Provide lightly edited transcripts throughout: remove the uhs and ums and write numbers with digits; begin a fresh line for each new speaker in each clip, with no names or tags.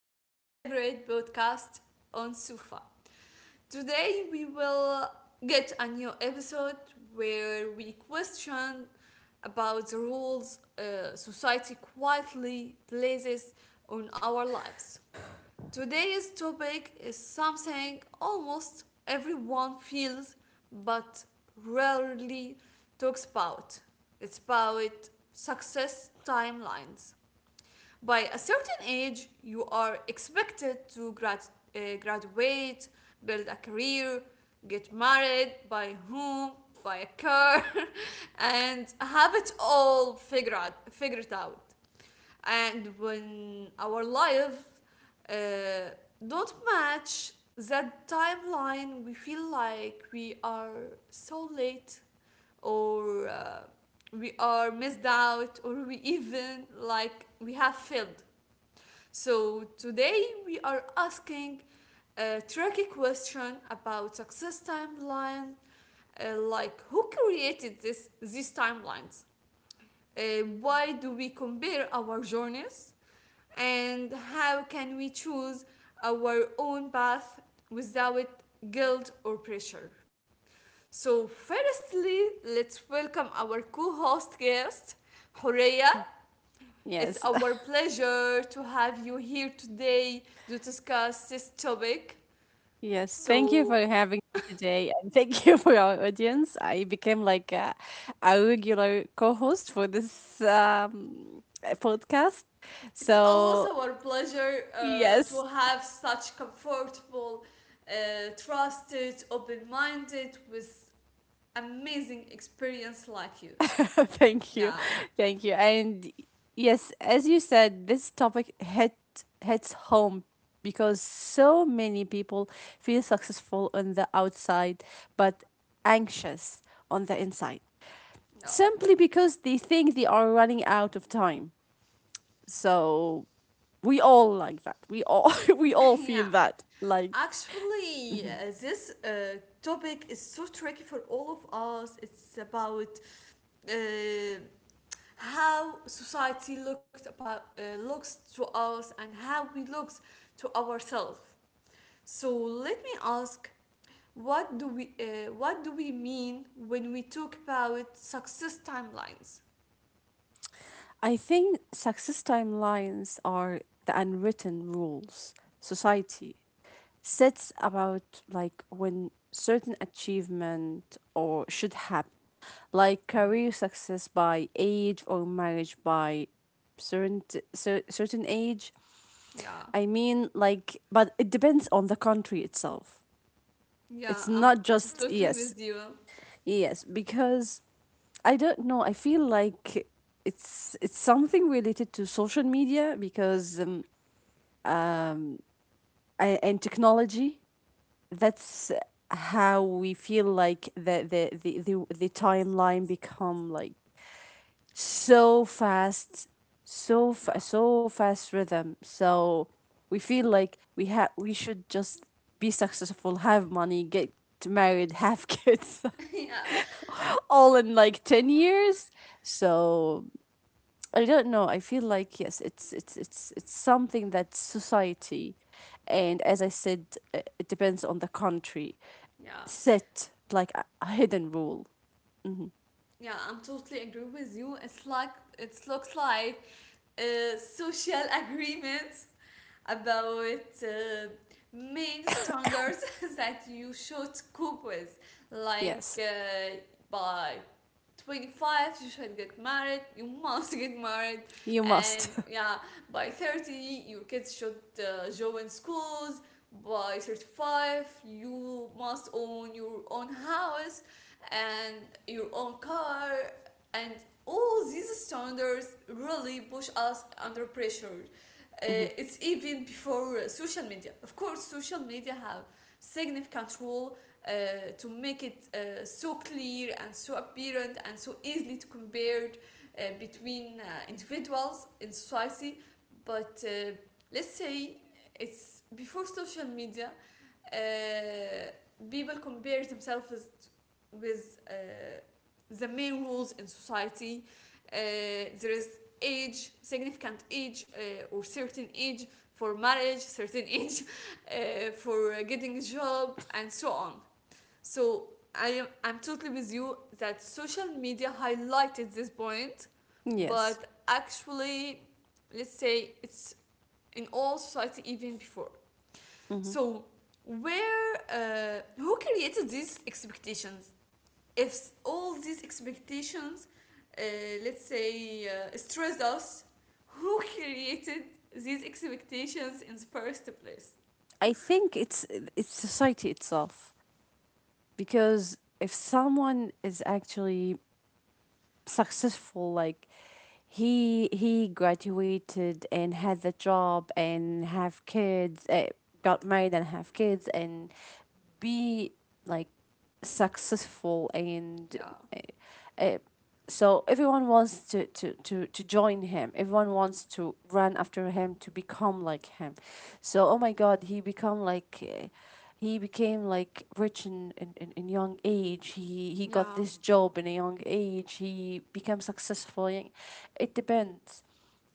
to your favorite podcast on Sufa. Today, we will get a new episode where we question about the roles society quietly places on our lives. Today's topic is something almost everyone feels but rarely talks about. It's about success timelines. By a certain age, you are expected to graduate, build a career, get married, by whom, by a car, and have it all figured out. And when our life uh, don't match that timeline, we feel like we are so late or we are missed out or we even like we have failed. So today we are asking a tricky question about success timelines, like who created this these timelines, uh, why do we compare our journeys and how can we choose our own path without guilt or pressure. So firstly, let's welcome our co-host guest Horea. It's
Yes,
our pleasure to have you here today to discuss this topic.
yes. Thank you for
So
having me today, and thank you for our audience. I became like a regular co-host for this podcast.
it's always
So
our pleasure
yes,
to have such comfortable, trusted, open-minded, with amazing experience like you.
thank you,
Yeah,
thank you, and yes, as you said, this topic hits home because so many people feel successful on the outside, but anxious on the inside,
yeah,
simply because they think they are running out of time. So we all like that. We all we all feel
yeah.
that. Like
Actually, this topic is so tricky for all of us. It's about uh, how society looks to us and how we look to ourselves. So let me ask, what do we mean when we talk about success timelines?
I think success timelines are the unwritten rules society sets about, like, when certain achievement or should happen. Like career success by age, or marriage by certain certain age.
Yeah,
I mean, like, but it depends on the country itself.
yeah,
It's not
I'm
just
totally
yes.
with you.
Yes, because I don't know. I feel like it's something related to social media because um and technology. That's how we feel like the timeline become like so fast,
Yeah,
so fast rhythm. So we feel like we should just be successful, have money, get married, have kids,
yeah,
all in like 10 years. So I don't know. I feel like yes, it's something that society, and as I said, it depends on the country.
yeah,
Set like a hidden rule.
yeah. I'm totally agree with you. It's like it looks like a social agreement about main standards that you should cope with. Like
Yes,
by 25, you should get married, you must get married,
you
and
must.
yeah, by 30, your kids should join schools. By 35, you must own your own house and your own car, and all these standards really push us under pressure. uh,
Hmm.
it's even before social media. Of course, social media have significant role to make it so clear and so apparent and so easily to compared between individuals in society. But let's say it's before social media. uh, People compare themselves with the main rules in society. Uh, there is age, significant age, or certain age for marriage, certain age for getting a job, and so on. So I'm totally with you that social media highlighted this point,
Yes.
but actually, let's say it's in all society even before.
Hmm.
So where who created these expectations? If all these expectations, uh, let's say, stress us, who created these expectations in the first place?
I think it's society itself because if someone is actually successful, like he graduated and had the job and have kids, got married and have kids and be like successful, and
Yeah,
uh, uh, so everyone wants to join him, everyone wants to run after him to become like him. So, oh my God, he became like rich in young age, he got
yeah,
this job in a young age, he became successful it depends.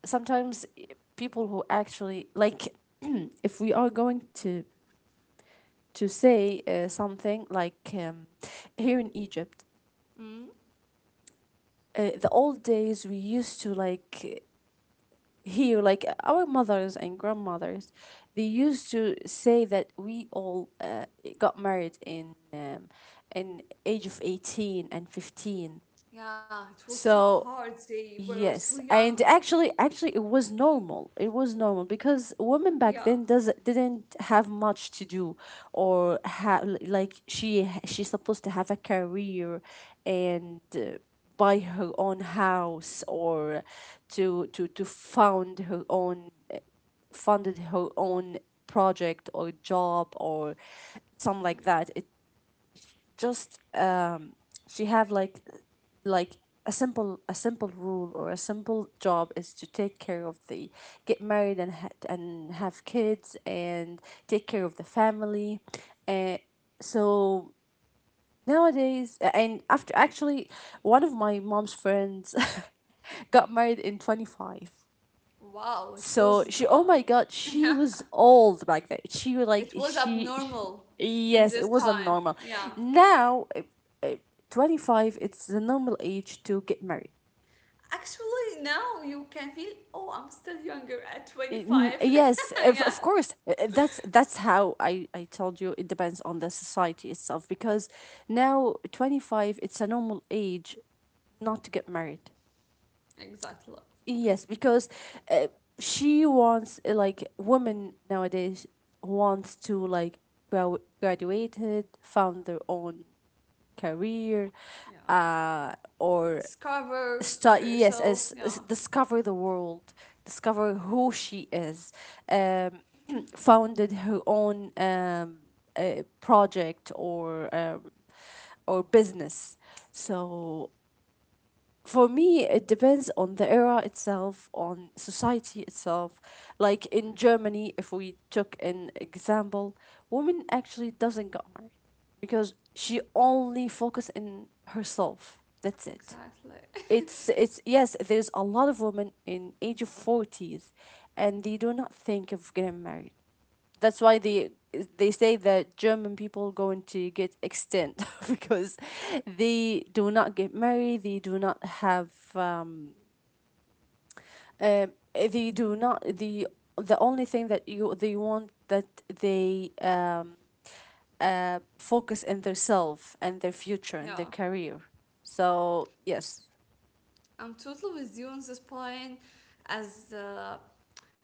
Sometimes, people who actually like if we are going to say something like here in Egypt,
mm,
the old days, we used to, like, here like our mothers and grandmothers, they used to say that we all got married in age of 18 and 15.
yeah. It was so
So
hard. They were so
yes,
young.
and actually, it was normal. It was normal because women
Yeah,
back then does didn't have much to do, or have like she's supposed to have a career, and buy her own house, or to found her own, funded her own project or job or something like
yeah.
that. It just she have like like a simple rule or a simple job is to take care of the, get married and and have kids and take care of the family, and so nowadays, and after actually one of my mom's friends got married in 25.
Wow, it
So
was
she, oh my God, she
yeah,
was old back then. She was like,
it was
she,
abnormal
she
in
Yes, it
this
wasn't
time.
normal.
Yeah.
Now, 25, it's the normal age to get married.
Actually, now you can feel, oh, I'm still younger at 25.
Yes, of,
yeah,
of course. That's how I told you. It depends on the society itself because now 25, it's a normal age not to get married.
exactly.
Yes, because uh, she wants like women nowadays wants to, like, graduated, found their own career,
Yeah.
or
Discover
start, yes,
herself.
as
Yeah,
discover the world, discover who she is,
yeah,
um, founded her own project or business. So for me, it depends on the era itself, on society itself, like
yeah,
in Germany, if we took an example, woman actually doesn't get married because she only focus in herself, that's it.
exactly.
It's, yes, there's a lot of women in age of 40s, and they do not think of getting married, that's why they say that German people going to get extinct because
yeah,
they do not get married. They do not have. Um, uh, they do not. The only thing that you they want that they focus in their self and their future
yeah.
and their career. So yes.
I'm totally with you on this point, as uh,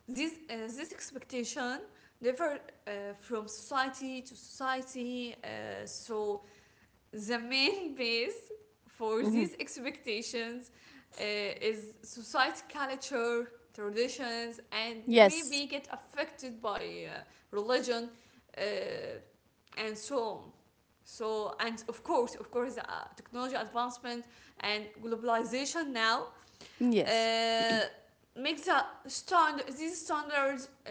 this uh, this expectation differ from society to society. So the main base for
Mm-hmm.
these expectations is society culture traditions and
Yes.
maybe get affected by uh, religion, uh, and so on. So, and of course, technology advancement and globalization now
Yes.
uh, makes these standards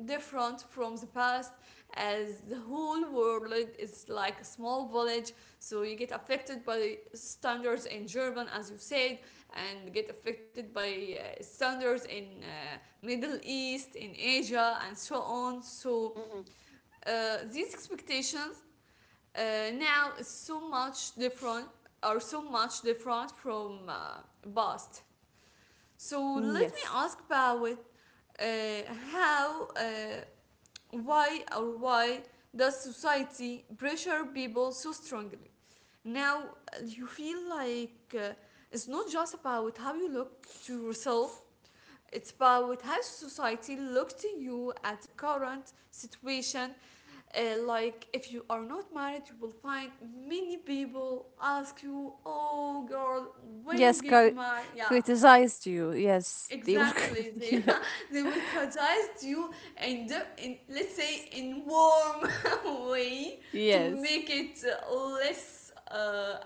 different from the past, as the whole world is like a small village. So you get affected by standards in German, as you said, and get affected by standards in Middle East, in Asia, and so on. So
Mm.
these expectations now it's so much different from past. So let me
Yes.
ask about how, uh, why does society pressure people so strongly? Now you feel like it's not just about how you look to yourself. It's about how society looks to you at the current situation, like if you are not married, you will find many people ask you, oh girl, when you
Yes,
get married? Yeah,
criticized you. Yes, they were.
exactly, they they will criticize you, and in the- in let's
Yes.
say in warm way to
Yes,
make it less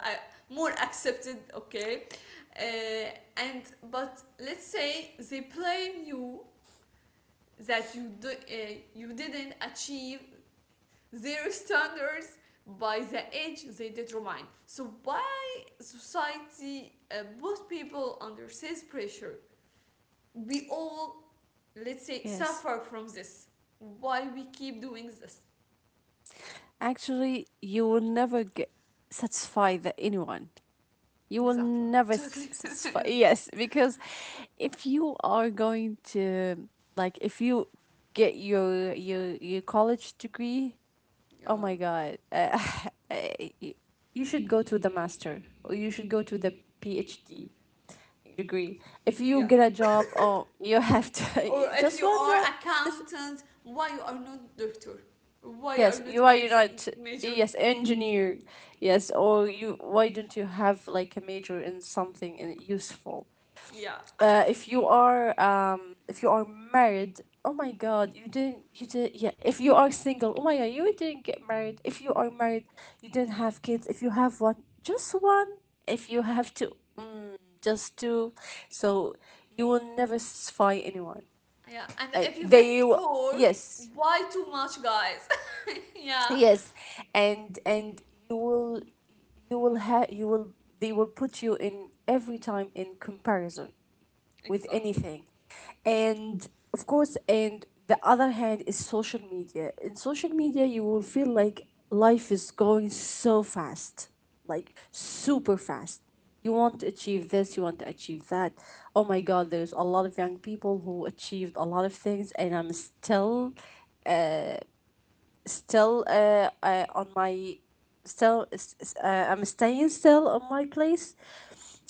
more accepted. Okay, uh, and, but let's say they blame you that you didn't achieve their standards by the age they determine. So why society, both people under this pressure, we all, let's say,
yes.
suffer from this. Why we keep doing this?
Actually, you will never get satisfy the anyone. You will
Exactly, I'm
never
talking.
satisfy. Yes, because if you are going to, like, if you get your college degree, oh
yeah,
my God, eh, y- you should go to the master, or you should go to the PhD degree. If you
yeah.
get a job, oh, you have to
Or if
just
you
one
are
job.
accountant, why you are not doctor? Why you are
Yes,
not
you are
medicine
not.
major?
Yes, engineer. Yes, or you. Why don't you have like a major in something useful?
Yeah,
If you are married, oh my God, you didn't. You did. Yeah. If you are single, oh my God, you didn't get married. If you are married, you didn't have kids. If you have one, just one. If you have two, just two. So you will never satisfy anyone.
yeah. And if you get
They will.
four,
Yes.
why too much, guys? yeah.
Yes, and you will you will have you will they will put you in every time in comparison with
Exactly.
anything. And of course, and the other hand is social media. In social media, you will feel like life is going so fast, like super fast. You want to achieve this, you want to achieve that. Oh my
Yeah,
God, there's a lot of young people who achieved a lot of things, and I'm still on my still, I'm staying still on my place.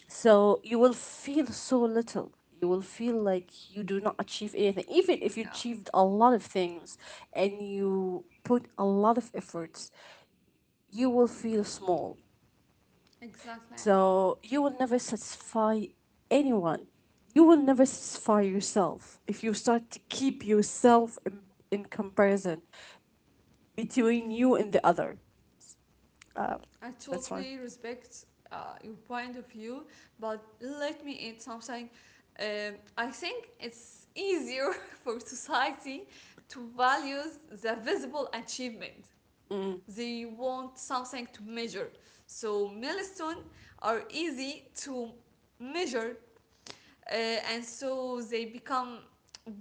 So you will feel so little, you will feel like you do not achieve anything, even if you
yeah,
achieved a lot of things and you put a lot of efforts. You will feel small.
exactly.
So you will never satisfy anyone, you will never satisfy yourself if you start to keep yourself in, comparison between you and the other.
I
That's
totally
fine.
respect your point of view, but let me add something. I think it's easier for society to value the visible achievement.
Mm.
They want something to measure. So milestones are easy to measure, and so they become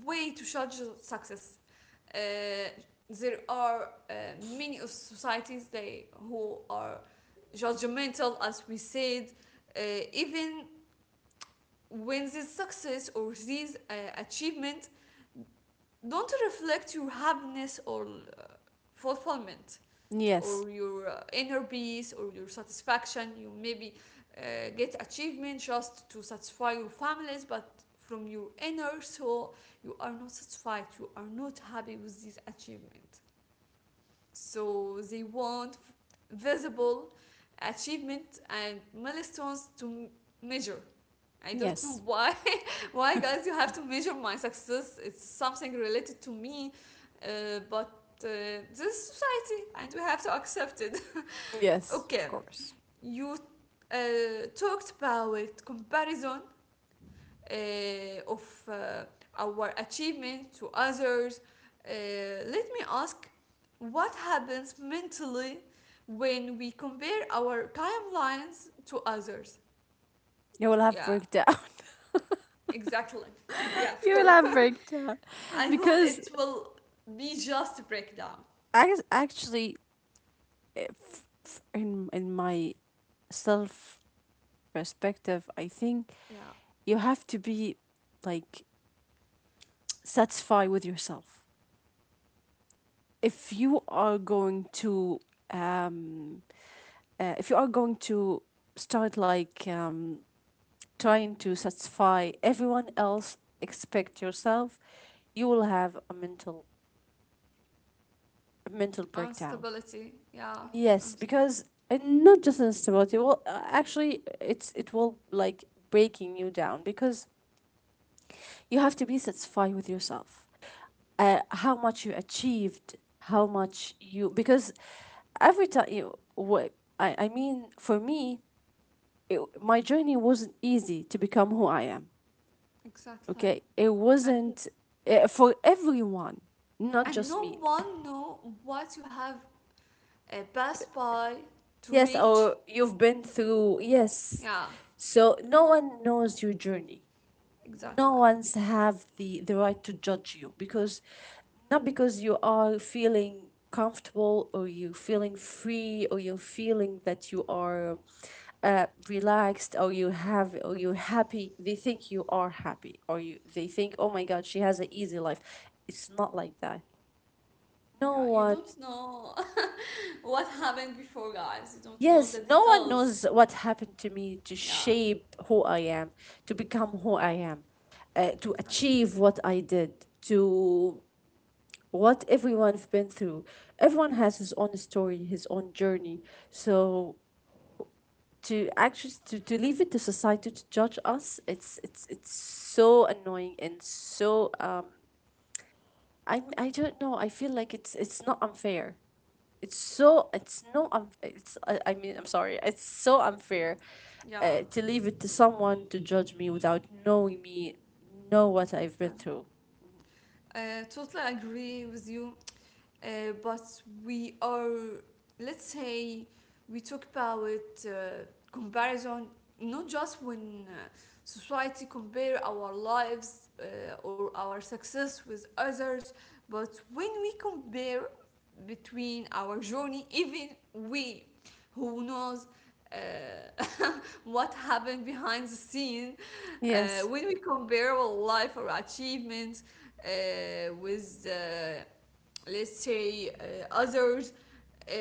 way to judge success. Uh, there are uh, many of societies they who are judgmental, as we said, uh, even when this success or this achievement don't reflect your happiness or fulfillment
Yes.
or your inner peace or your satisfaction. You maybe uh, get achievement just to satisfy your families, but from your inner soul you are not satisfied, you are not happy with this achievement. So they want visible achievement and milestones to measure. I don't know
Yes.
why. Why, guys, you have to measure my success? It's something related to me, but uh, this is society and we have to accept it.
Yes, of
Okay,
course.
you uh, talked about comparison uh, of our achievement to others. Uh, Let me ask, what happens mentally when we compare our timelines to others?
You will have
Yeah,
breakdown.
exactly. Yeah, of
You will
course.
have breakdown
I hope
because
it will be just a breakdown.
I actually, if, f- in my self perspective, I think
Yeah,
you have to be, like, satisfied with yourself. If you are going to um if you are going to start, like, trying to satisfy everyone else expect yourself, you will have a mental breakdown.
instability. Yeah,
Yes,
unst-
because, and not just instability. Well, actually, it will, like, breaking you down because you have to be satisfied with yourself, how much you achieved, how much you, because every time you, what, I mean, for me, my journey wasn't easy to become who I am.
exactly.
Okay, it
And
wasn't, for everyone, not
and
just
no
me.
one know what you have passed by to
Yes,
reach.
or you've been through, yes.
Yeah,
So no one knows your journey.
exactly.
No one's have the right to judge you because not because you are feeling comfortable, or you're feeling free, or you're feeling that you are relaxed, or you have or you're happy. They think you are happy, or you they think, oh my God, she has an easy life. It's not like that.
Yeah,
No
you don't
one.
know what happened before, guys, you don't know the
Yes, no one
details.
knows what happened to me to
Yeah,
shape who I am, to become who I am, to
exactly.
achieve what I did, to what everyone's been through. Everyone has his own story, his own journey. So, to actually to leave it to society to judge us, it's so annoying and so, I don't know. I feel like it's not unfair. It's so, it's no, it's, I mean I'm sorry, it's so unfair,
Yeah.
to leave it to someone to judge me without knowing me, know what I've been
Exact-
through.
totally agree with you, uh, but we are, let's say, we talk about uh, comparison not just when society compare our lives or our success with others, but when we compare between our journey even we, who knows uh, what happened behind the scene,
Yes.
when we compare our life or achievements with let's say others. uh,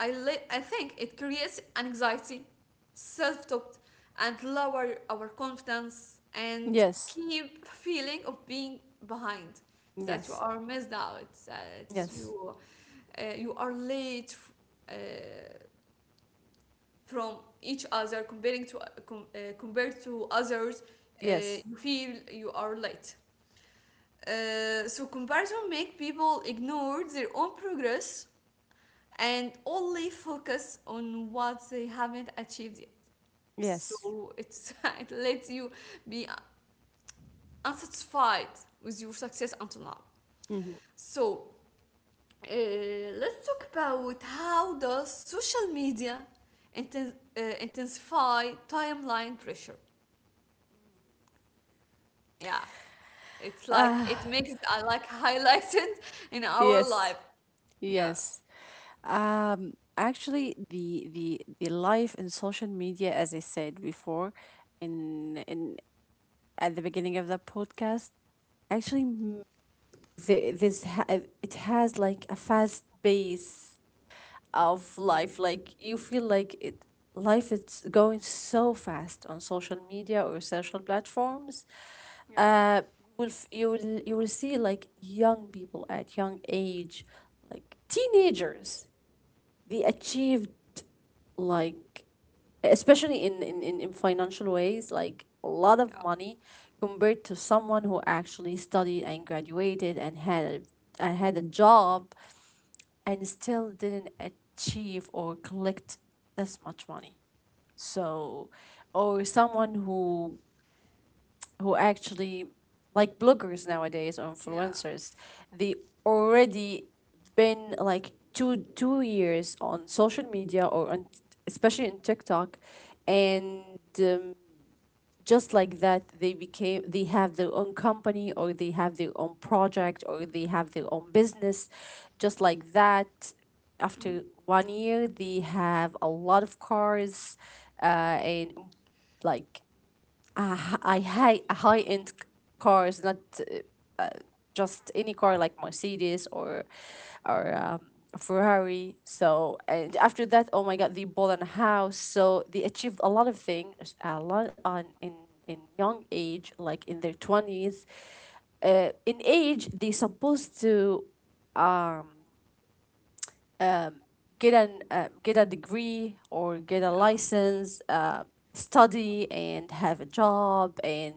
I think it creates anxiety, self-doubt, and lower our confidence and
Yes.
keep feeling of being behind, that you
Yes.
are missed out, that
Yes.
you you are late uh, from each other comparing to compared to others.
Yes.
You feel you are late, so comparison make people ignore their own progress and only focus on what they haven't achieved yet.
Yes.
So it's, it lets you be unsatisfied with your success until now.
Mhm.
So let's talk about how does social media intensify timeline pressure. Yeah, it's like it makes I like highlighted in our life.
Yes.
Yeah,
Yes. Actually the life in social media, as I said before, in at the beginning of the podcast, actually th- this ha- it has like a fast pace of life, like you feel like it life is going so fast on social media, or social platforms.
yeah,
Uh will f- you will you will see, like, young people at young age, like teenagers, they achieved, like, especially in financial ways, like a lot of
yeah,
money, compared to someone who actually studied and graduated and and had a job, and still didn't achieve or collect this much money. So, or someone who actually, like bloggers nowadays or
yeah,
influencers, they already been like two years on social media, or on, especially in TikTok, and um, just like that, they have their own company, or they have their own project, or they have their own business. Just like that,
mm,
after one year, they have a lot of cars, uh, and, like, I hate high end cars, not just any car, like Mercedes or or um, Ferrari. So, and after that, oh my God, they bought a house. So they achieved a lot of things, a lot on in young age, like in their twenties. In age, they supposed to uh, get an get a degree or get a
yeah,
license, study and have a job and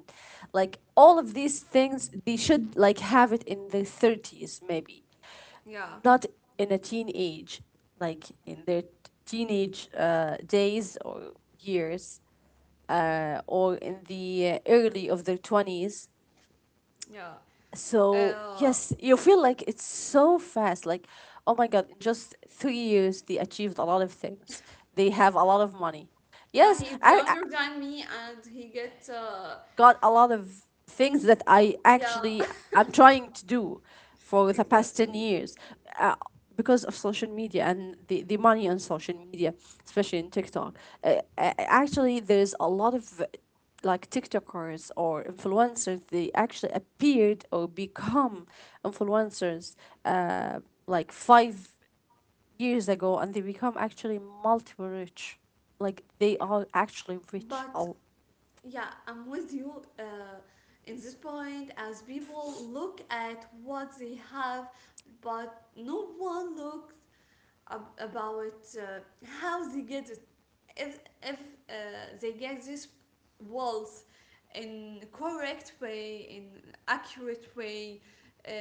like all of these things they should like have it in their 30s maybe,
yeah,
not in a teenage, like in their teenage days or years, or in the early of their 20s.
yeah.
So
Uh,
yes, you feel like it's so fast. Like, oh my god, in just 3 years they achieved a lot of things. They have a lot of money.
yeah,
Yes,
he's
I
younger than me, and he gets
got a lot of things that I
yeah,
actually I'm trying to do for the past
exactly.
10 years, uh, because of social media and the money on social media, especially in TikTok. Actually, there is a lot of like TikTokers or influencers, they actually appeared or become influencers, uh, like 5 years ago, and they become actually multiple rich. Like they
Yeah,
are actually rich.
but
Oh,
yeah, I'm with you in this point. As people look at what they have, but no one looks about how they get it. If they get this wealth in correct way, in accurate way,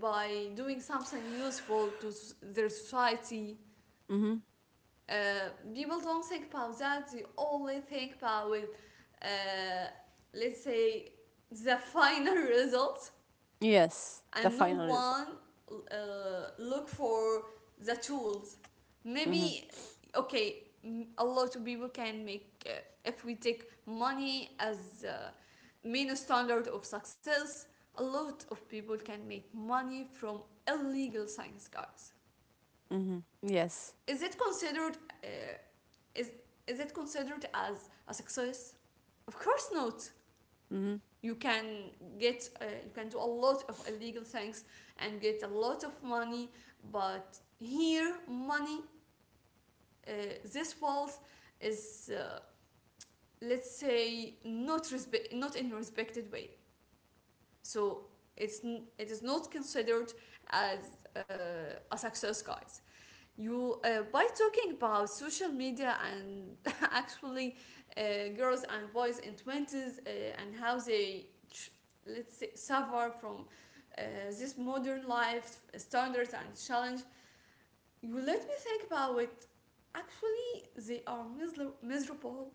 by doing something useful to their society. People don't think about that. They only think about uh, let's say, the final result,
yes, the
and no
final result.
one look for the tools.
Mm-hmm.
Maybe okay, a lot of people can make if we take money as main standard of success. A lot of people can make money from illegal science, guys.
Mm-hmm. Yes.
Is it considered uh, Is is it considered as a success? Of course not.
Mm-hmm.
You can get you can do a lot of illegal things and get a lot of money, but here money, uh, this wealth is, let's say, not in a respected way. So it's it is not considered as a success, guys. You by talking about social media and actually girls and boys in twenties, and how they, let's say, suffer from uh, this modern life standards and challenge. You let me think about it. Actually, they are miserable.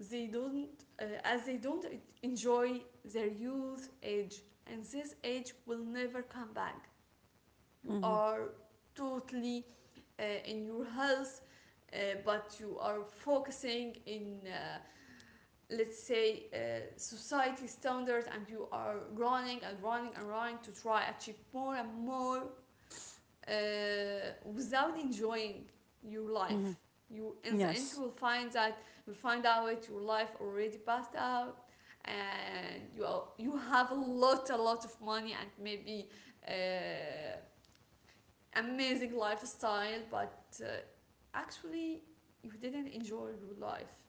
They don't uh, as they don't enjoy their youth age, and this age will never come back. You
Mm-hmm.
are totally in your health, uh, but you are focusing in let's say society standards, and you are running and running and running to try achieve more and more, uh, without enjoying your life.
Mm-hmm.
You In the end you
Yes.
will find that you'll find out your life already passed out, and you have a lot of money, and maybe uh, amazing lifestyle, but uh, actually you didn't enjoy your life.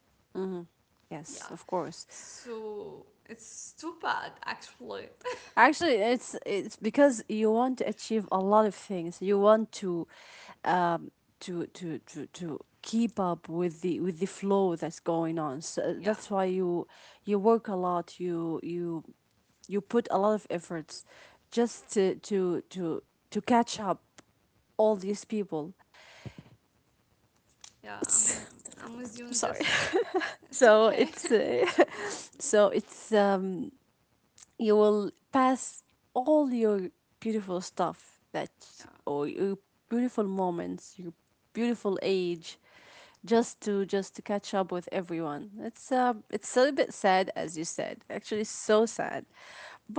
Yeah.
Yes, of course.
So it's too bad, actually.
Actually, it's because you want to achieve a lot of things. You want to um to keep up with the flow that's going on. So
Yeah.
that's why you work a lot. You you put a lot of efforts just to catch up all these people.
Yeah. I'm, I'm with you
I'm
on
sorry.
this. It's
So
okay.
it's so it's you will pass all your beautiful stuff that
Yeah.
or your beautiful moments, your beautiful age, just to catch up with everyone. It's a little bit sad as you said. Actually so sad.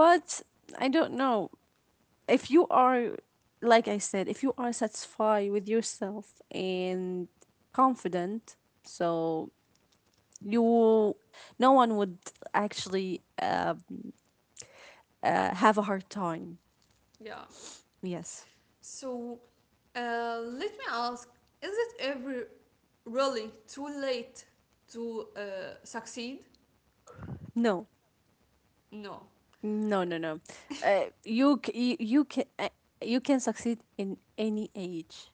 Yeah.
I don't know. If you are, like I said, if you are satisfied with yourself and confident, so you no one would actually have a hard time.
Yeah.
Yes.
So let me ask, is it ever really too late to succeed?
No.
No.
No. No. No. You can you can succeed in any age.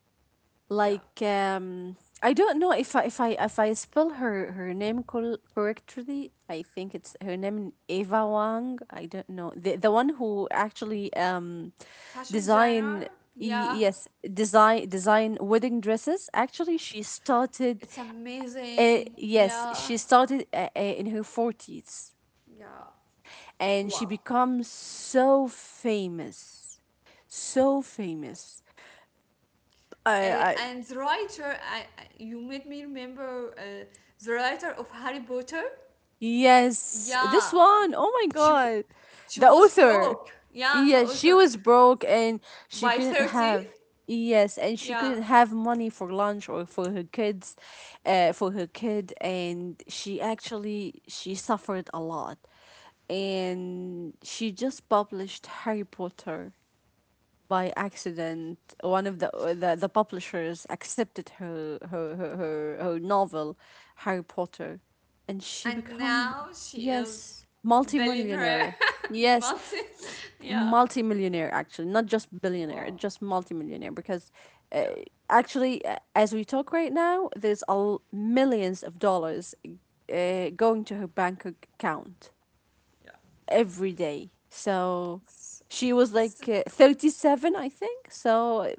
Yeah.
Like I don't know if I spell her name correctly. I think it's her name Eva Wang. I don't know the one who actually
Fashion
design,
designer? Yeah.
yes, design wedding dresses. Actually she started,
It's amazing.
yes,
Yeah.
she started in her 40s,
Yeah.
and she
Wow.
becomes so famous, so famous.
Uh,
I
and the writer, you made me remember the writer of Harry Potter.
Yes,
Yeah,
this one. Oh my
she w-
god,
she
the
was
author.
broke. Yeah, the
Yes, she
author
was broke and she
by
couldn't
30.
have, yes, and she
Yeah.
couldn't have money for lunch or for her kids, for her kid, and she actually she suffered a lot, and she just published Harry Potter by accident. One of the, the publishers accepted her her, her
Uh,
her her novel Harry Potter, and she
and
become,
now she is
yes,
billionaire.
multimillionaire. Yes,
Multi. Yeah.
multimillionaire, actually, not just billionaire,
Wow.
just multimillionaire, because uh,
Yeah.
actually, as we talk right now, there's millions of dollars going to her bank account
Yeah.
every day. So
It's,
she was like
it's
37, I think so.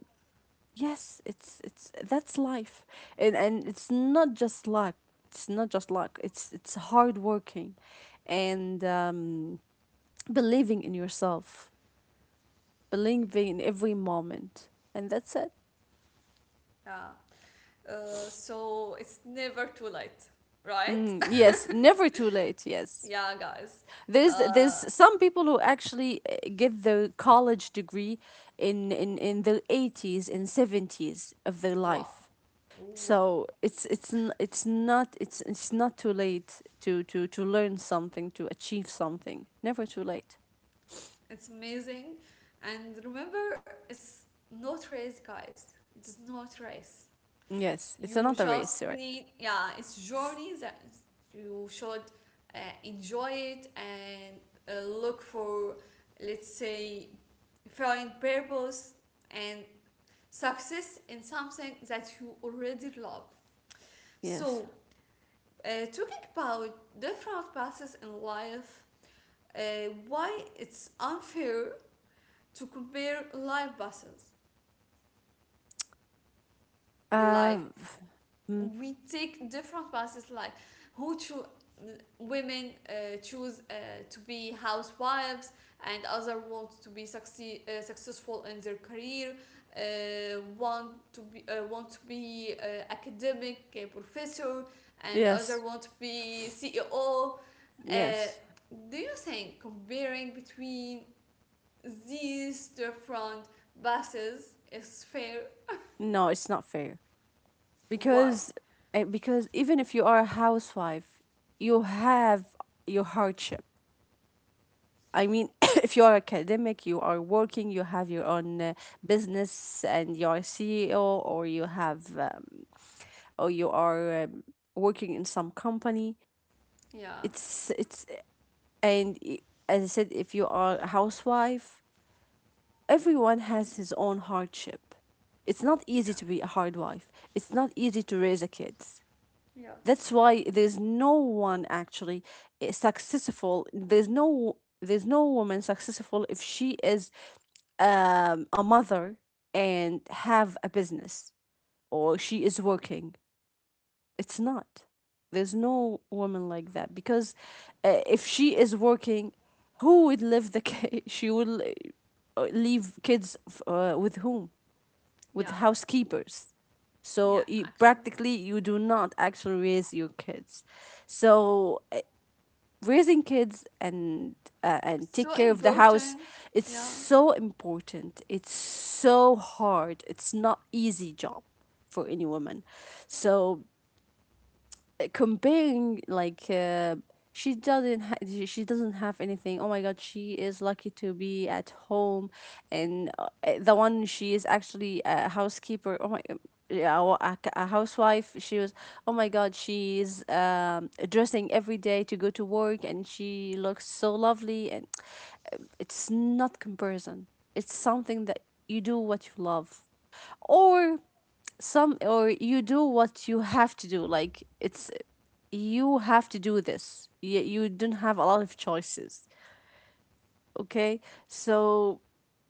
Yes, it's that's life. And it's not just luck. It's not just luck. It's hard working and believing in yourself, believing in every moment. And that's it.
yeah. So it's never too late, right?
Mm, yes, never too late. Yes.
Yeah, guys.
There's
Uh,
some people who actually get their college degree in their 80s and 70s of their life.
Wow.
So
Wow.
it's not, it's not too late to learn something, to achieve something. Never too late.
It's amazing. And remember, it's not race, guys. It's not race.
Yes, it's another race, right.
Yeah, it's journey that you should uh, enjoy it and look for, let's say, find purpose and success in something that you already love.
Yes.
So, talking about different paths in life, uh, why it's unfair to compare live buses. Like
uh mm,
we take different buses, like who cho- women choose to be housewives and other want to be successful in their career. Want to be Academic professor and other
yes.
want to be CEO. Uh,
Yes,
do you think comparing between these different buses is fair?
no, it's not fair
Why?
because, because even if you are a housewife, you have your hardship. I mean, if you are academic, you are working, you have your own business, and you are CEO, or you have or you are working in some company.
Yeah.
It's, and i- as I said, if you are a housewife, everyone has his
Mhm.
own hardship. It's not easy
Yeah.
to be a hard wife. It's not easy to raise a kids.
Yeah.
That's why there's no one actually, successful, there's no woman successful if she is a mother and have a business or she is working. It's not. There's no woman like that because, if she is working, who would live the case? She will, leave kids with whom? With
Yeah.
housekeepers.
Yeah,
So you,
actually.
practically, you do not actually raise your kids. So, raising kids and, and take
So
care of the house,
important.
it's
Yeah.
so important. It's so hard. It's not easy job for any woman. So comparing, like, she doesn't ha- she doesn't have anything, oh my god, she is lucky to be at home. And, the one, she is actually a housekeeper, oh my, yeah, a housewife, she was, oh my god, she's dressing every day to go to work and she looks so lovely. And it's not comparison, it's something that you do what you love, or some or you do what you have to do. Like it's,
Yeah.
you have to do this. You don't have a lot of choices. Okay. So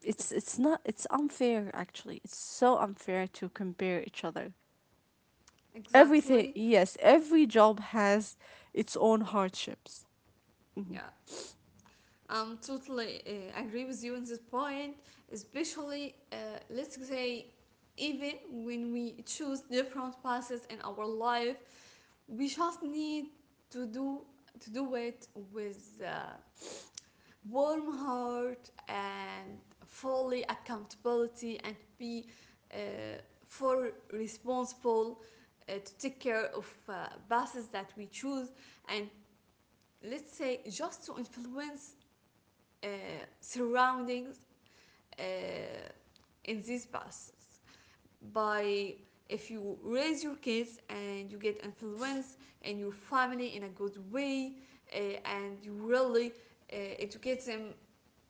it's not it's unfair, actually. It's so unfair to compare each other
Exactly.
everything. Yes, every job has its own hardships. Hmm.
Yeah. I'm totally agree with you on this point, especially let's say even when we choose different paths in our life, we just need to do to do it with warm heart and fully accountability and be uh, for responsible to take care of buses that we choose and let's say just to influence uh, surroundings uh, in these buses by if you raise your kids and you get influence in your family in a good way, uh, and you really educate them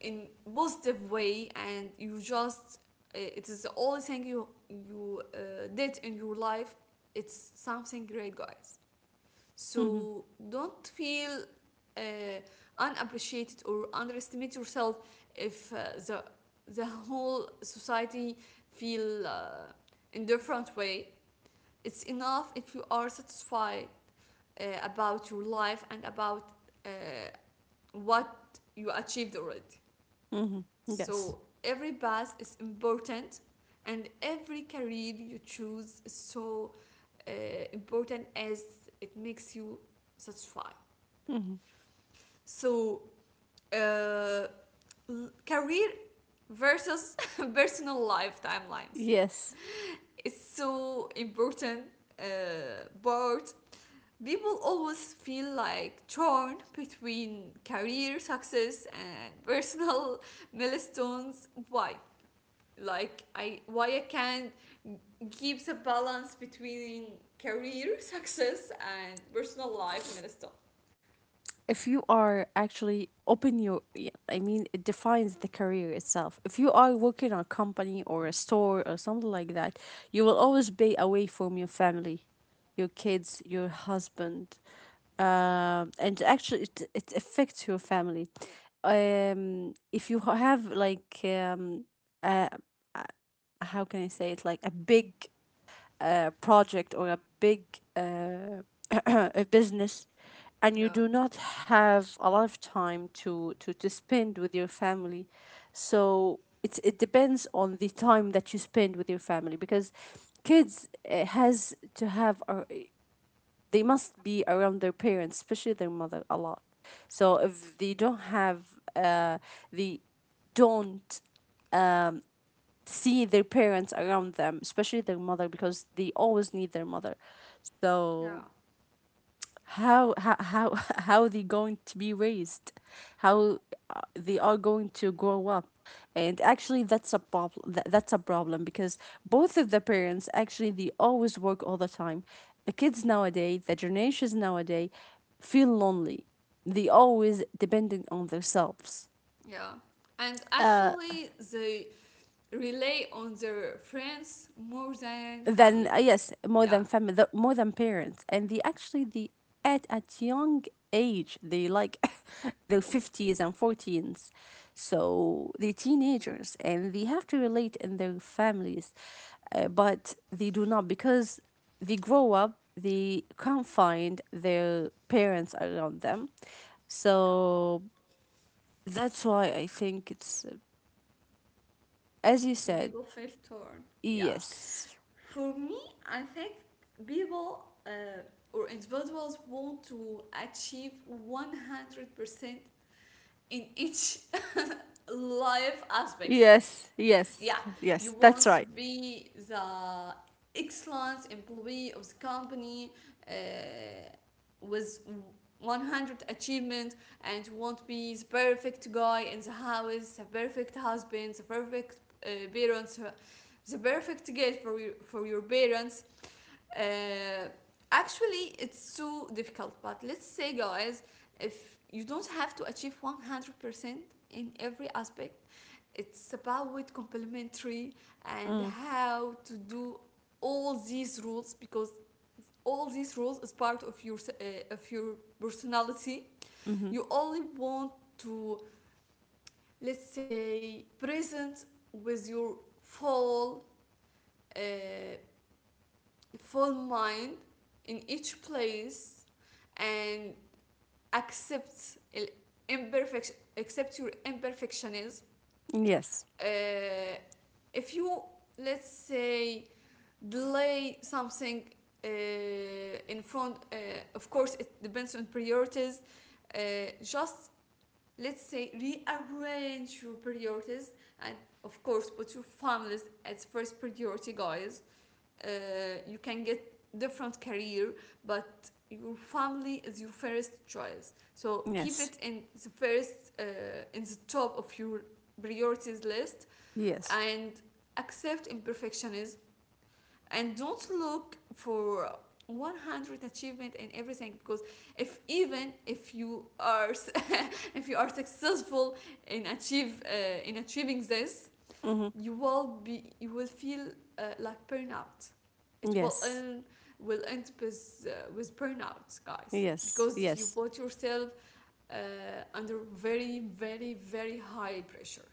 in positive way and you just it is the only thing you did in your life. It's something great, guys,
Hmm.
so don't feel uh, unappreciated or underestimate yourself if the whole society feel in different way. It's enough if you are satisfied about your life and about uh, what you achieved already.
Hmm. Yes.
So every path is important, and every career you choose is so uh, important as it makes you satisfied.
Hmm.
So, uh, career versus personal life timelines
Yes,
is so important but people always feel like torn between career success and personal milestones. Why I can't keep the balance between career success and personal life milestone?
if you are actually open your, yeah, I mean, it defines the career itself. If you are working on a company or a store or something like that, you will always be away from your family, your kids, your husband, and actually it affects your family. If you have like, a, a- how can I say it, like a big project or a big uh, a business, and you
Yeah.
do not have a lot of time to spend with your family. So it's, it depends on the time that you spend with your family, because kids has to have a, they must be around their parents, especially their mother, a lot. So if they don't have uh, they don't um, see their parents around them, especially their mother, because they always need their mother. So
Yeah.
how how are they going to be raised? How they are going to grow up? And actually, that's a problem. That's a problem because both of the parents actually they always work all the time. The kids nowadays, the generations nowadays, feel lonely. They always dependent on themselves.
Yeah. And actually, they rely on their friends more than
Than
family.
Yes, more
Yeah.
than family, more than parents, and they actually they at young age, they like the 50s and 14s, so the teenagers, and they have to relate in their families, but they do not, because they grow up, they can't find their parents around them. So that's why I think it's as you
Yeah. People
said.
feel torn. Yeah.
Yes.
For me, I think people or individuals want to achieve 100% in each life aspects.
Yes. Yes.
Yeah, you
Yes,
want
that's
to
right.
be the excellent employee of the company uh, with 100% achievement, and you want to be the perfect guy in the house, the perfect husband, the perfect uh, parents, the perfect gift for for your parents. Uh, actually, it's too difficult. But let's say, guys, if you don't have to achieve 100% in every aspect, it's about complementary and
Mm.
how to do all these rules because all these rules is part of your personality.
Mm-hmm.
You only want to, let's say, present with your uh, full mind in each place and accepts imperfection, accept your imperfectionism.
Yes.
uh, if you, let's say, delay something uh, in front, of course it depends on priorities, just let's say rearrange your priorities and of course put your families as first priority, guys. uh, you can get different career, but your family is your first choice, so keep
Yes.
it in the first in the top of your priorities list
Yes.
and accept imperfectionism and don't look for 100% achievement in everything because if even if you are, if you are successful in achieve in achieving this,
Mm-hmm.
you will feel like burnout. It will
Yes.
end Will end with burnout, guys,
Yes.
because you
Yes.
put yourself uh, under very high pressure.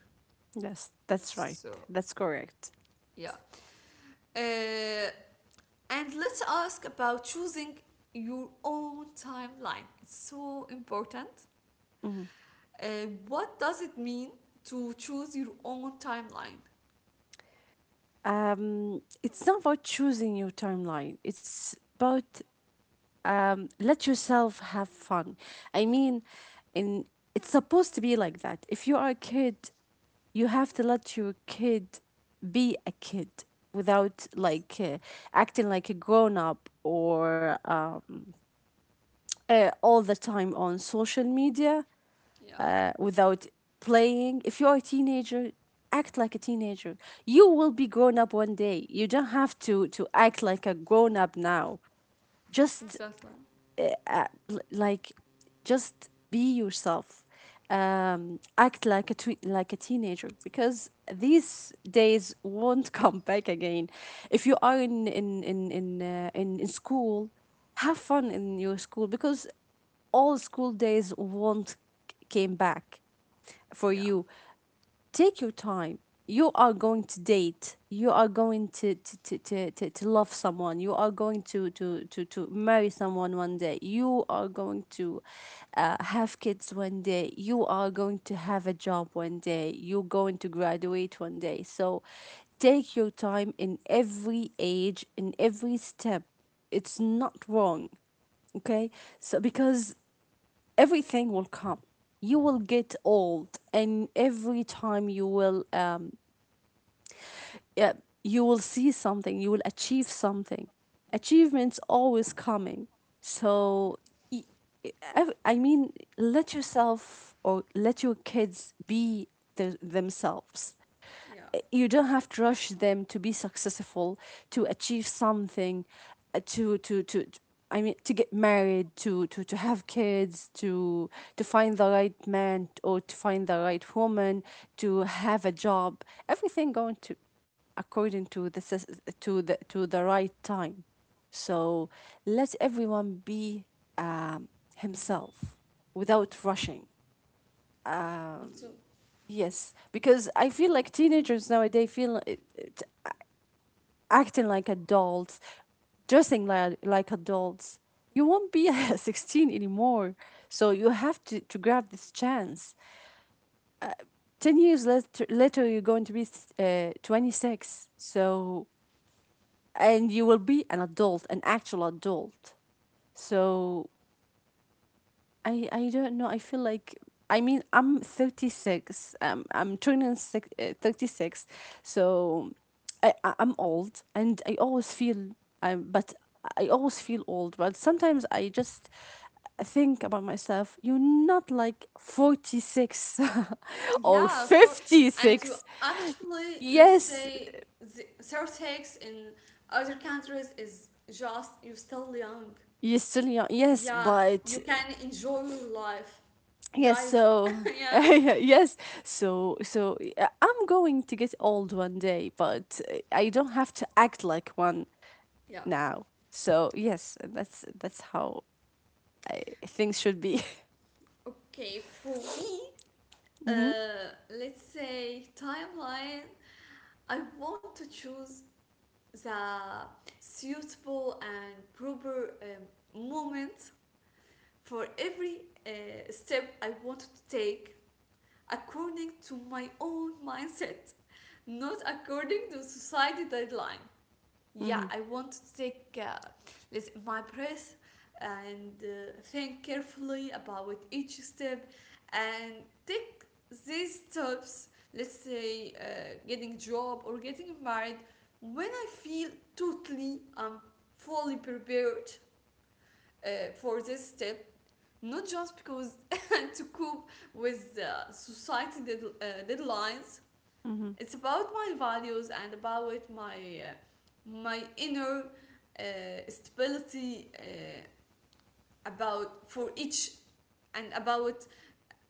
Yes, that's right.
So
That's correct.
yeah, uh, and let's ask about choosing your own timeline. It's so important.
Hmm.
What does it mean to choose your own timeline?
It's not about choosing your timeline. It's about, let yourself have fun. I mean, in it's supposed to be like that. If you are a kid, you have to let your kid be a kid without like, acting like a grown up, or all the time on social media,
Yeah,
without playing. If you're a teenager, act like a teenager. You will be grown up one day. You don't have to act like a grown up now. Just
exactly.
uh, like just be yourself. Act like a teenager, because these days won't come back again. If you are in in school, have fun in your school, because all school days won't came back for
Yeah,
you. Take your time. You are going to date. You are going to love someone. You are going to marry someone one day. You are going to have kids one day. You are going to have a job one day. You're going to graduate one day. So take your time in every age, in every step. It's not wrong. Okay. So because everything will come. You will get old, and every time you will, yeah, you will see something, you will achieve something. Achievements always coming. So, I mean, let yourself or let your kids be themselves.
yeah.
You don't have to rush them to be successful, to achieve something, to, I mean, to get married, to have kids, to find the right man, or to find the right woman, to have a job. Everything going to, according to to the right time. So let everyone be um, himself, without rushing. um,
So
Yes, because I feel like teenagers nowadays feel acting like adults, dressing like adults. You won't be 16 anymore. So you have to grab this chance. 10 years later you're going to be 26. And you will be an adult, an actual adult. So I don't know. I feel like I mean I'm 36. I'm turning 36. So I'm old and I always feel but I always feel old, but sometimes I just think about myself, you're not like 46 or
yeah, of course. And to
56.
actually, let's
Yes,
say, the surtax in other countries is just you're still young.
you're still young. Yes,
Yeah, you
but
can enjoy your life,
Yes,
guys.
so
Yeah,
I'm going to get old one day, but I don't have to act like one
yeah.
now. So yes, that's how things should be.
Okay, for me,
mm-hmm.
let's say timeline. I want to choose the suitable and proper moment for every step I want to take according to my own mindset, not according to society deadline. Yeah,
Mm-hmm.
I want to take let's- my breath and think carefully about each step and take these steps. Let's say getting a job or getting married when I feel totally I'm fully prepared for this step, not just because to cope with society deadlines.
Mm-hmm.
It's about my values and about my uh, my inner uh, stability, about for each, and about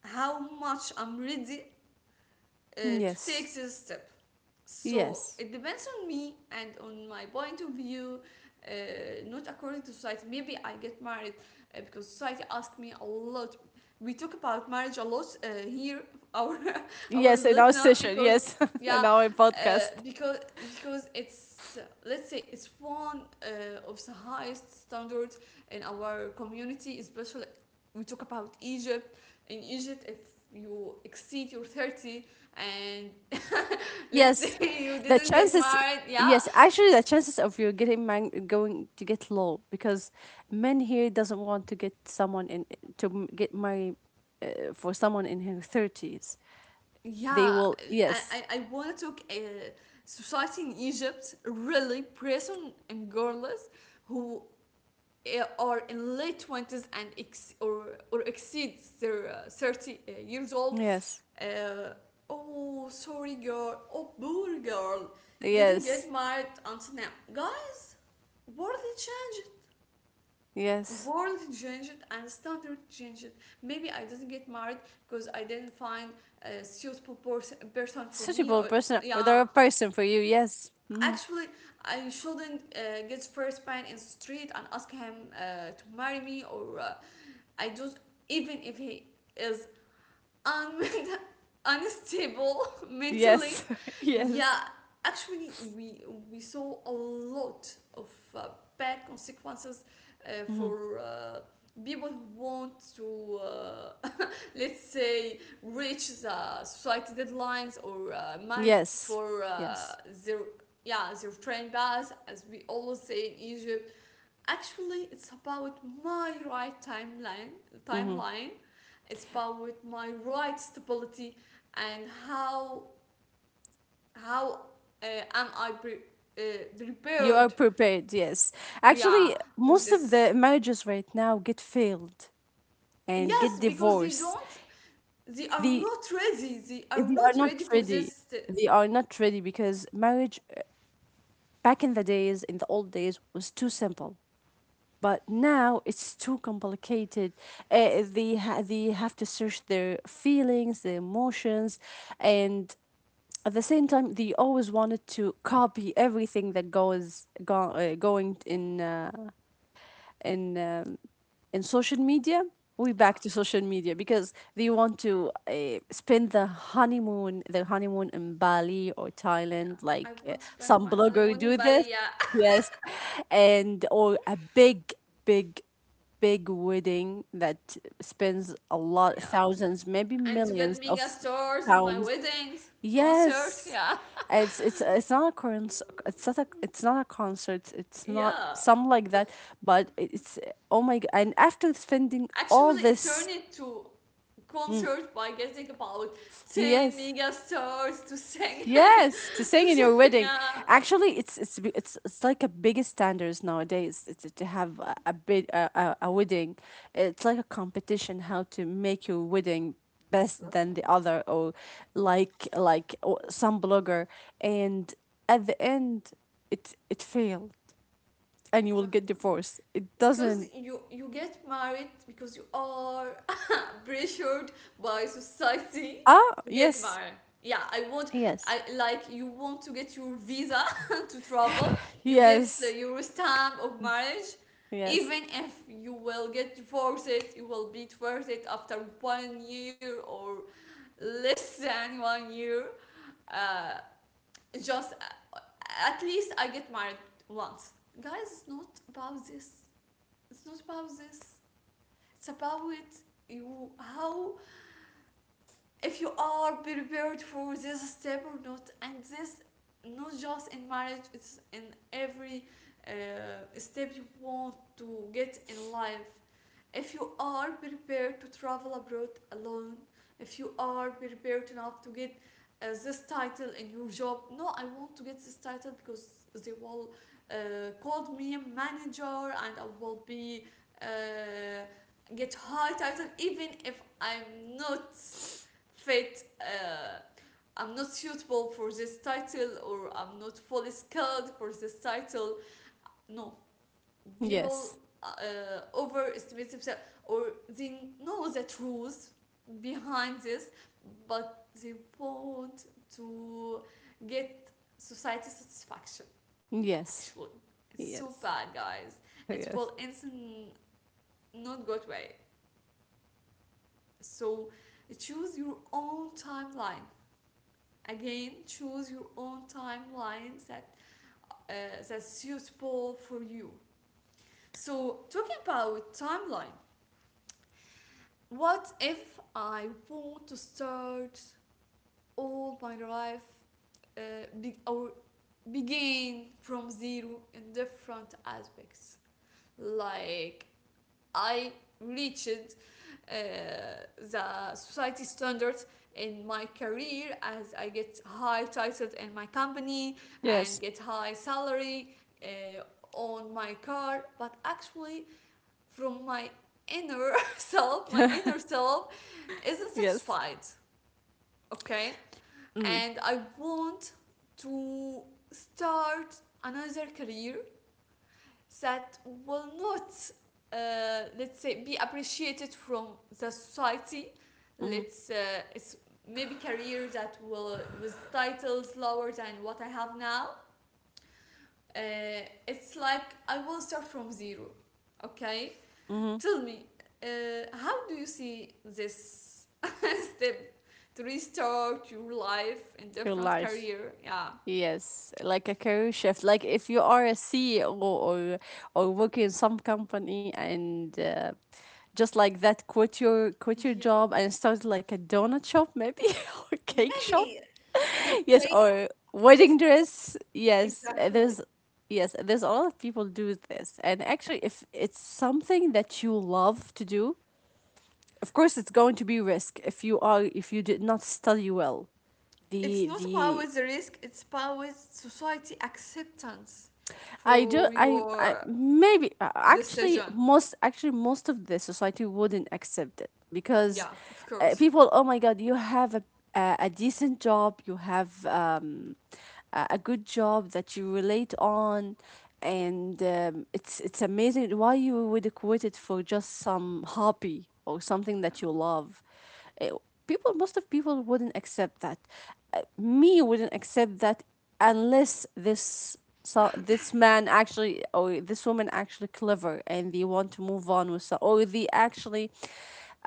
how much I'm ready to
Yes.
take this step. So
Yes.
it depends on me and on my point of view, uh, not according to society. Maybe I get married because society asked me a lot. We talk about marriage a lot here, our our
Yes, in our
listener,
session,
because
yes, in
yeah
our podcast.
uh, because because it's, let's say, it's one of the highest standards in our community, especially we talk about Egypt. In Egypt, if you exceed your 30 and let's say
Yes.
you
The
didn't get
chances
married, yeah.
the chances of you getting man going to get low because men here doesn't want to get someone get married for someone in her 30s. They
Yeah.
will, yes,
I want to talk society in Egypt really person and girls who are in late 20s and ex- or exceed their 30 years old,
yes,
uh, oh sorry girl, oh poor girl didn't get
yes,
married until now, guys. What did they change?
yes.
World changed and standard changed. Maybe I didn't get married because I didn't find a suitable person for me,
Suitable
or
person, or they're
yeah,
a person for you, yes. Hmm.
actually, I shouldn't get first man in the street and ask him to marry me, or I just, even if he is and unstable mentally.
Yes, yes.
Yeah, actually, we saw a lot of bad consequences
Hmm.
for people who want to, let's say, reach the society deadlines or marriage
Yes,
for
yes.
their, yeah, their train pass, as we always say in Egypt. Actually, it's about my right timeline.
Hmm.
Timeline. It's about my right stability and how uh, am I uh,
You are
prepared?
prepared, yes.
Yeah,
Actually,
to
most
this.
of the marriages right now get failed and get
Yes, because they
divorced.
don't. They are
They,
not ready. They are
they are
not
not
ready for
ready.
this. Uh,
They are not ready because marriage back in the days, in the old days, was too simple. But now it's too complicated. They have to search their feelings, their emotions, and at the same time they always wanted to copy everything that going in um, in social media. We
yeah,
back to social media because they want to spend the honeymoon in Bali or
yeah.
Thailand, like
I want to spend
some
my
blogger
honeymoon
do
in
this.
Bali. Yeah,
Yes, and or a big big wedding that spends a lot,
yeah.
thousands, maybe
And to
millions
get
of
mega stars in my
pounds.
weddings, concert.
Yes.
Yeah,
It's it's not a concert. It's not a concert. It's not
yeah.
some like that. But it's oh my god! And after spending all
Actually it turned
this,
into
mm,
concert by getting about 10
yes,
mega stars to sing,
yes, to sing
to
in your
sing,
wedding.
yeah.
Actually, it's b- it's like a biggest standards nowadays to have a big a wedding. It's like a competition how to make your wedding best than
Exactly,
the other or like or some blogger and at the end it failed and you will get
exactly,
divorced. It
because
doesn't.
you get married because you are pressured by society
Ah,
to get
yes.
married. yeah i want
Yes.
i like you want to get your visa to travel, you get the,
Yes.
your stamp of marriage,
Yes.
even if you will get divorced. You will be divorced after 1 year or less than 1 year, uh, just at least I get married once, guys. It's not about this. It's not about this. It's about you, how, if you are prepared for this step or not. And this, not just in marriage, it's in every uh, step you want to get in life. If you are prepared to travel abroad alone, if you are prepared enough to get this title in your job. No, I want to get this title because they will call me a manager, and I will be uh, get high title even if I'm not fit. I'm not suitable for this title, or I'm not fully skilled for this title. No, people
Yes.
uh, overestimate themselves, or they know the truth behind this, but they want to get society satisfaction.
Yes.
Actually, it's so
Yes.
bad, guys. It will end in not good way. So choose your own timeline. Again, choose your own timeline that that's suitable for you. So talking about timeline, what if I want to start all my life, uh, be- or begin from zero in different aspects, like I reached uh, the society standards in my career as I get high titles in my company and
Yes.
get high salary uh, on my car, but actually from my inner my
Yes.
inner self isn't
Yes.
satisfied, okay?
Mm.
And I want to start another career that will not, let's say, be appreciated from the society.
Hmm.
Let's It's maybe career that will with titles lower than what I have now. It's like I will start from zero. Okay, tell me, how do you see this step to restart your life in
Your
different
life.
career? Yeah.
Yes, like a career shift. Like if you are a CEO or working in some company and just like that, quit your
Yeah.
job and start like a donut shop maybe or cake shop.
Maybe let's
Yes,
say
or
let
wedding
listen
dress. Yes,
exactly.
there's yes, there's a lot of people do this. And actually, if it's something that you love to do, of course it's going to be risk if you are if you did not study well
It's
the
not
the
about the risk, it's about society acceptance for
I
your
maybe
decision.
actually most of the society wouldn't accept it because
Yeah, of course.
people oh my god you have a decent job you have a good job that you relate on and it's amazing why you would quit it for just some hobby or something
Yeah,
that you love. Uh, People, most of people wouldn't accept that. Me wouldn't accept that unless this so this man actually or this woman actually clever and they want to move on with so or they actually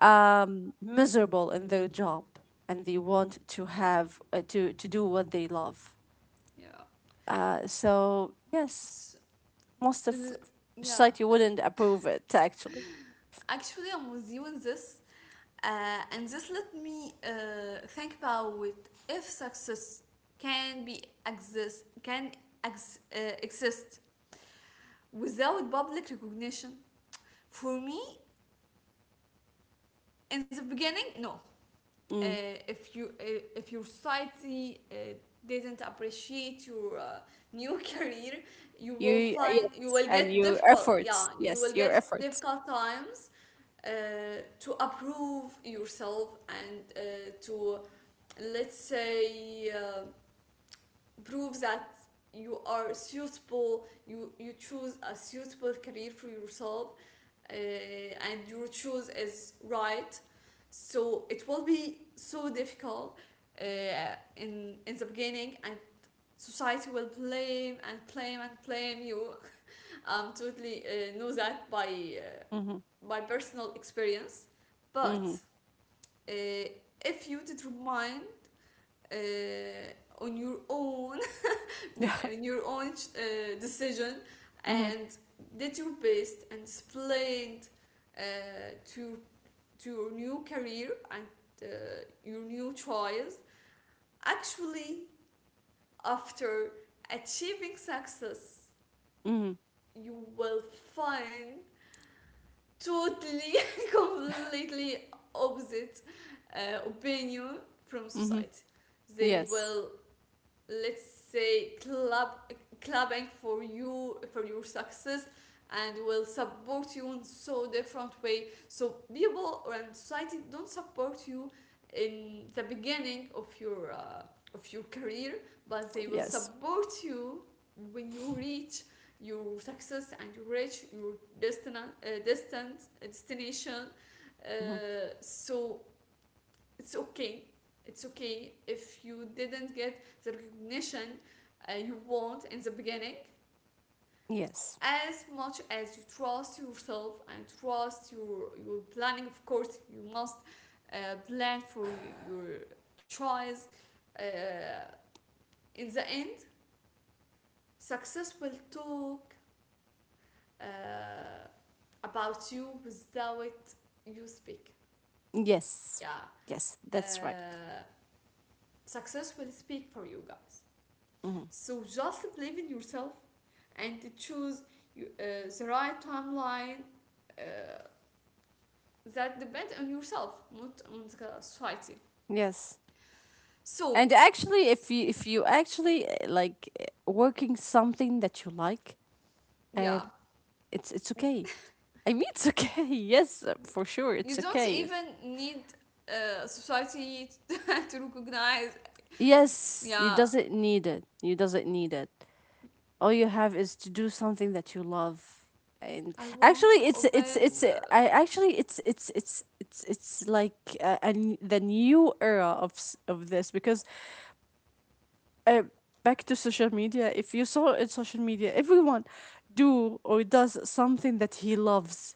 miserable in their job and they want to have to do what they love.
yeah.
Yes,
S-
most of
l- yeah
society
l-
wouldn't approve it actually.
Actually, I'm with you in this. And this, let me think about it. If success can exist without public recognition? For me, in the beginning, no. uh,
Mm.
if you if your society didn't appreciate your new career, you will
You
find you
yes,
will
and
get
your
difficult, yeah,
efforts.
you will
Yes, your
get
efforts.
difficult times, uh, to approve yourself and to let's say prove that you are suitable, you choose a suitable career for yourself, and your choice is right. So it will be so difficult, uh, in the beginning, and society will blame and blame and blame you. I totally know that uh,
Mm-hmm.
by personal experience. But
Mm-hmm.
uh, if you determine on your own,
Yeah.
and your own decision,
mhm.
and did your best, and displayed uh, to, to your new career and uh, your new choice, actually after achieving success,
Mhm.
you will find totally completely opposite opinion from
Mhm.
society. They
Yes.
will let's say clubbing for you, for your success, and will support you in so different way. So people and society don't support you in the beginning of your career, but they will
Yes.
support you when you reach your success and you reach your destina- distant destination.
Mhm.
uh, so it's okay, it's okay if you didn't get the recognition you want in the beginning.
Yes.
As much as you trust yourself and trust your planning, of course you must plan for your choice. uh, in the end, success will talk uh, about you without you speak.
Yes.
Yeah.
Yes. That's right.
uh, Success will speak for you, guys.
Mhm.
So just believe in yourself and to choose the right timeline, uh, that depends on yourself, not on the society.
Yes.
So,
And actually, if you actually like working something that you like, um,
yeah,
it's okay. I mean, it's okay. Yes, for sure,
you
it's
don't
okay.
even need society to recognize.
Yes, you
Yeah,
doesn't need it. You doesn't need it. All you have is to do something that you love and
I want
actually
to open.
it's I actually it's like and the new era of this because uh, back to social media if you saw in social media everyone do or does something that he loves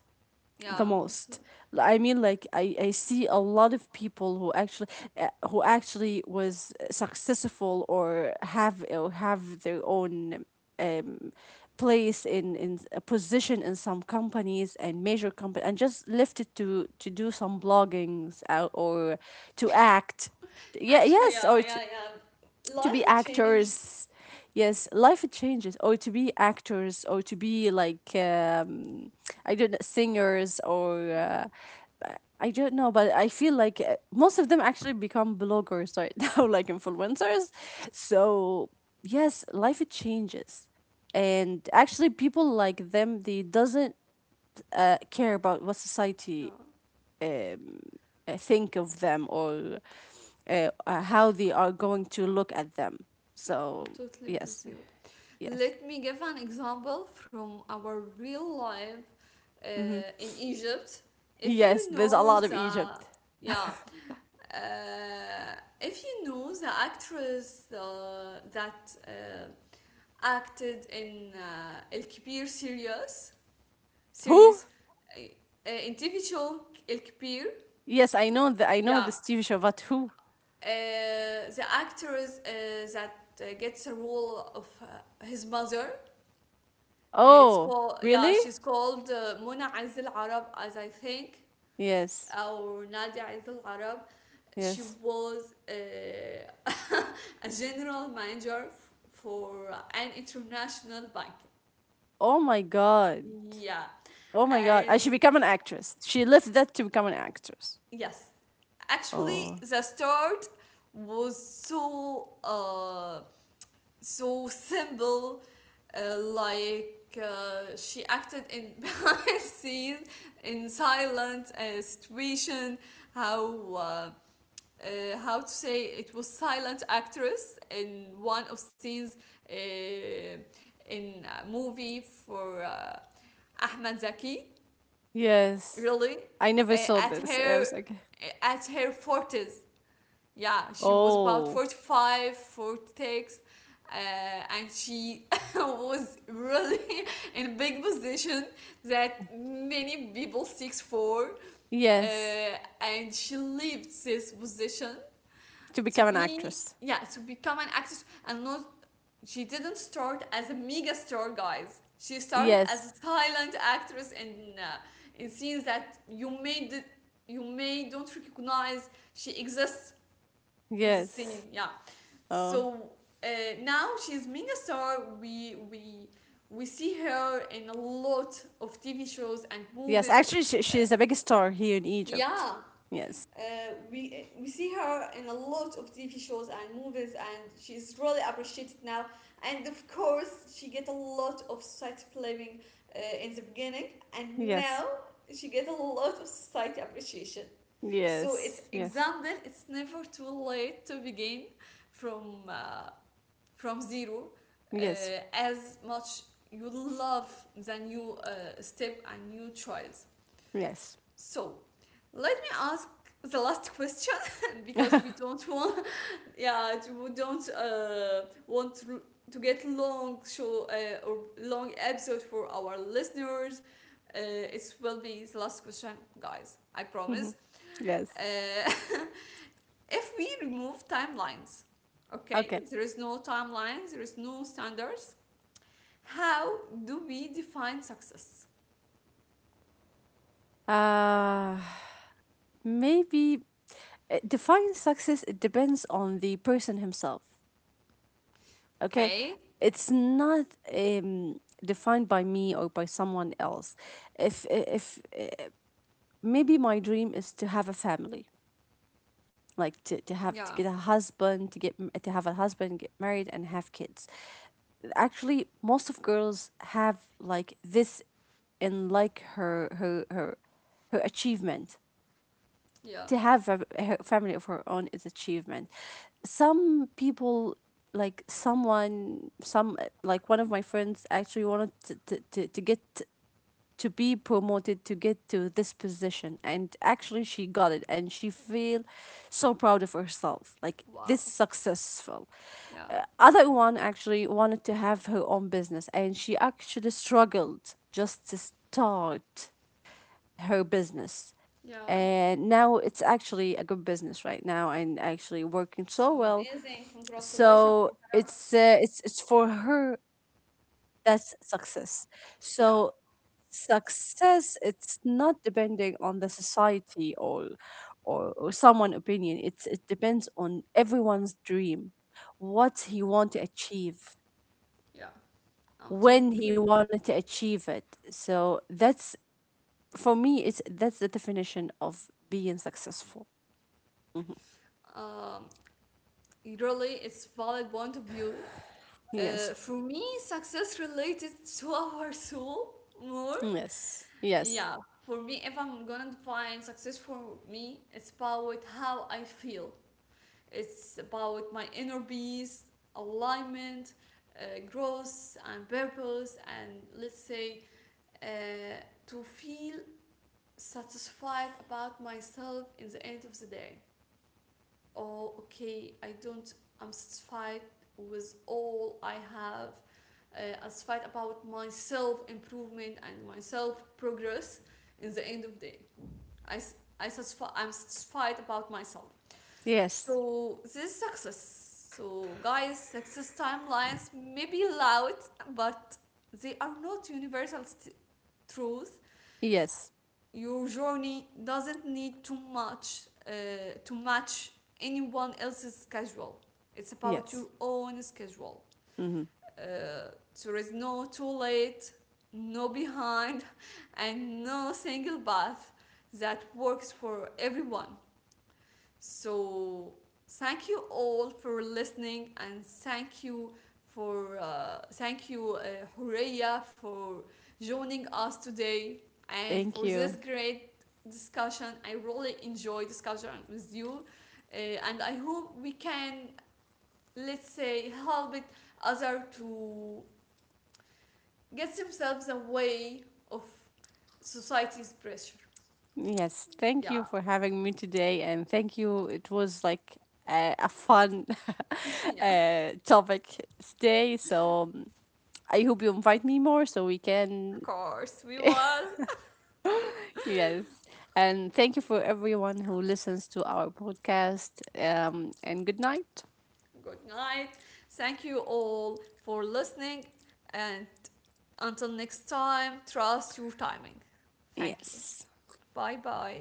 the
yeah, so
most. I see a lot of people who actually was successful or have their own um place in a position in some companies and major company and just left it to do some bloggings out or to act yeah
actually,
yes
yeah,
or
yeah, yeah.
to
Life
be
has changed.
actors yes life changes or to be actors or to be like I don't know singers or
Yeah,
I don't know but I feel like most of them actually become bloggers right now like influencers so yes life changes and actually people like them they doesn't care about what society
yeah,
um, think of them or how they are going to look at them.
yeah. I'm
So
totally with
yes,
you.
yes,
Let me give an example from our real life uh,
hmm
in Egypt. If
yes.
you
There's a
know
lot of
the,
Egypt.
yeah, if you know the actress that acted in El Kibir series,
Who?
series, uh, in TV show El Kibir,
Yes, I know that. I
yeah,
know this TV show, but who?
the actress that gets a role of his mother. It's
Oh,
called, yeah,
really?
she's called Mona Aiz Al Arab, as I think,
Yes,
or Nadia Aiz Al Arab. She
yes.
was a general manager for an international bank.
Oh my God.
Yeah,
Oh my God. I should
and
become an actress. She left that to become an actress.
yes, actually,
Oh,
the start was so so simple, she acted in behind scenes, in silent situation, how uh, how to say it was silent actress in one of scenes uh, in a movie for Ahmed Zaki,
yes.
really,
I never
uh,
saw
at
this. I
her
was like,
uh, at her forties. Yeah, she was about
oh,
45 46, uh, and she was really in a big position that many people seeks for,
yes.
and she left this position
To
to
become an
be,
actress.
yeah, to become an actress. And not, she didn't start as a mega star, guys. She started as
Yes,
a silent actress in scenes that you may did, you may don't recognize she exists in the
yes.
scene, yeah.
Oh,
So uh, now she's mega star, we see her in a lot of TV shows and
yes,
movies.
actually,
uh,
she is a big star here in Egypt.
yeah
Yes,
uh, we we see her in a lot of TV shows and movies, and she's really appreciated now. And of course she get a lot of society blaming in the beginning, and now
yes,
she get a lot of society appreciation. So it's
yes, yes,
example, it's never too late to begin from uh, from zero, uh,
yes,
as much you love than you step and you tries.
yes,
So let me ask the last question, because we don't want, yeah, we don't want to get long show or long episode for our listeners. It will be the last question, guys. I promise.
hmm yes.
Uh, if we remove timelines, okay,
Okay.
there is no timelines, there is no standards. How do we define success?
Uh, maybe Define success. It depends on the person himself. Okay,
Okay?
it's not um defined by me or by someone else. If Maybe my dream is to have a family, like to have
Yeah,
to get a husband, to get m- to have a husband, get married, and have kids. Actually most of girls have like this in like her achievement
yeah,
to have a her family of her own is achievement. Some people like someone some like one of my friends actually wanted to get to be promoted to get to this position and actually she got it and she feel so proud of herself like this
wow,
successful. Uh,
yeah,
Other one actually wanted to have her own business and she actually struggled just to start her business
yeah.
and now it's actually a good business right now and actually working so
It's
well.
amazing. Congratulations
So
for her.
it's it's for her that's success. So
Yeah,
success it's not depending on the society or or someone opinion, it's it depends on everyone's dream, what he want to achieve,
yeah. I'm
when he
totally.
wanted to achieve it. So that's for me it's that's the definition of being successful. Mhm.
Um, really, it's valid point of view.
Yes,
For me, success related to our soul more.
yes, yes,
Yeah, for me, if I'm gonna define success for me, it's about how I feel. It's about my inner peace, alignment, growth, and purpose, and let's say uh, to feel satisfied about myself in the end of the day. Oh, okay, I don't, I'm satisfied with all I have. As fight about my self improvement and my self progress in the end of the day. I I satisfy. I'm satisfied about myself.
yes,
So this is success. So guys, success timelines may be loud, but they are not universal truth.
yes,
Your journey doesn't need too much to match anyone else's schedule. It's about your
yes,
own schedule.
hmm.
Uh, there is no too late, no behind, and no single path that works for everyone. So, thank you all for listening, and thank you for Horea, for joining us today and
Thank
for this
you.
great discussion. I really enjoy discussion with you, and I hope we can let's say help it other to get themselves away of society's pressure.
Yes, thank you
Yeah,
for having me today, and thank you. It was like a fun
yeah, of
topic today, so I hope you invite me more so we can.
course we will.
Yes, and thank you for everyone who listens to our podcast. And good night.
Good night. Thank you all for listening. And until next time, trust your timing. Thank you.
Yes.
Bye bye.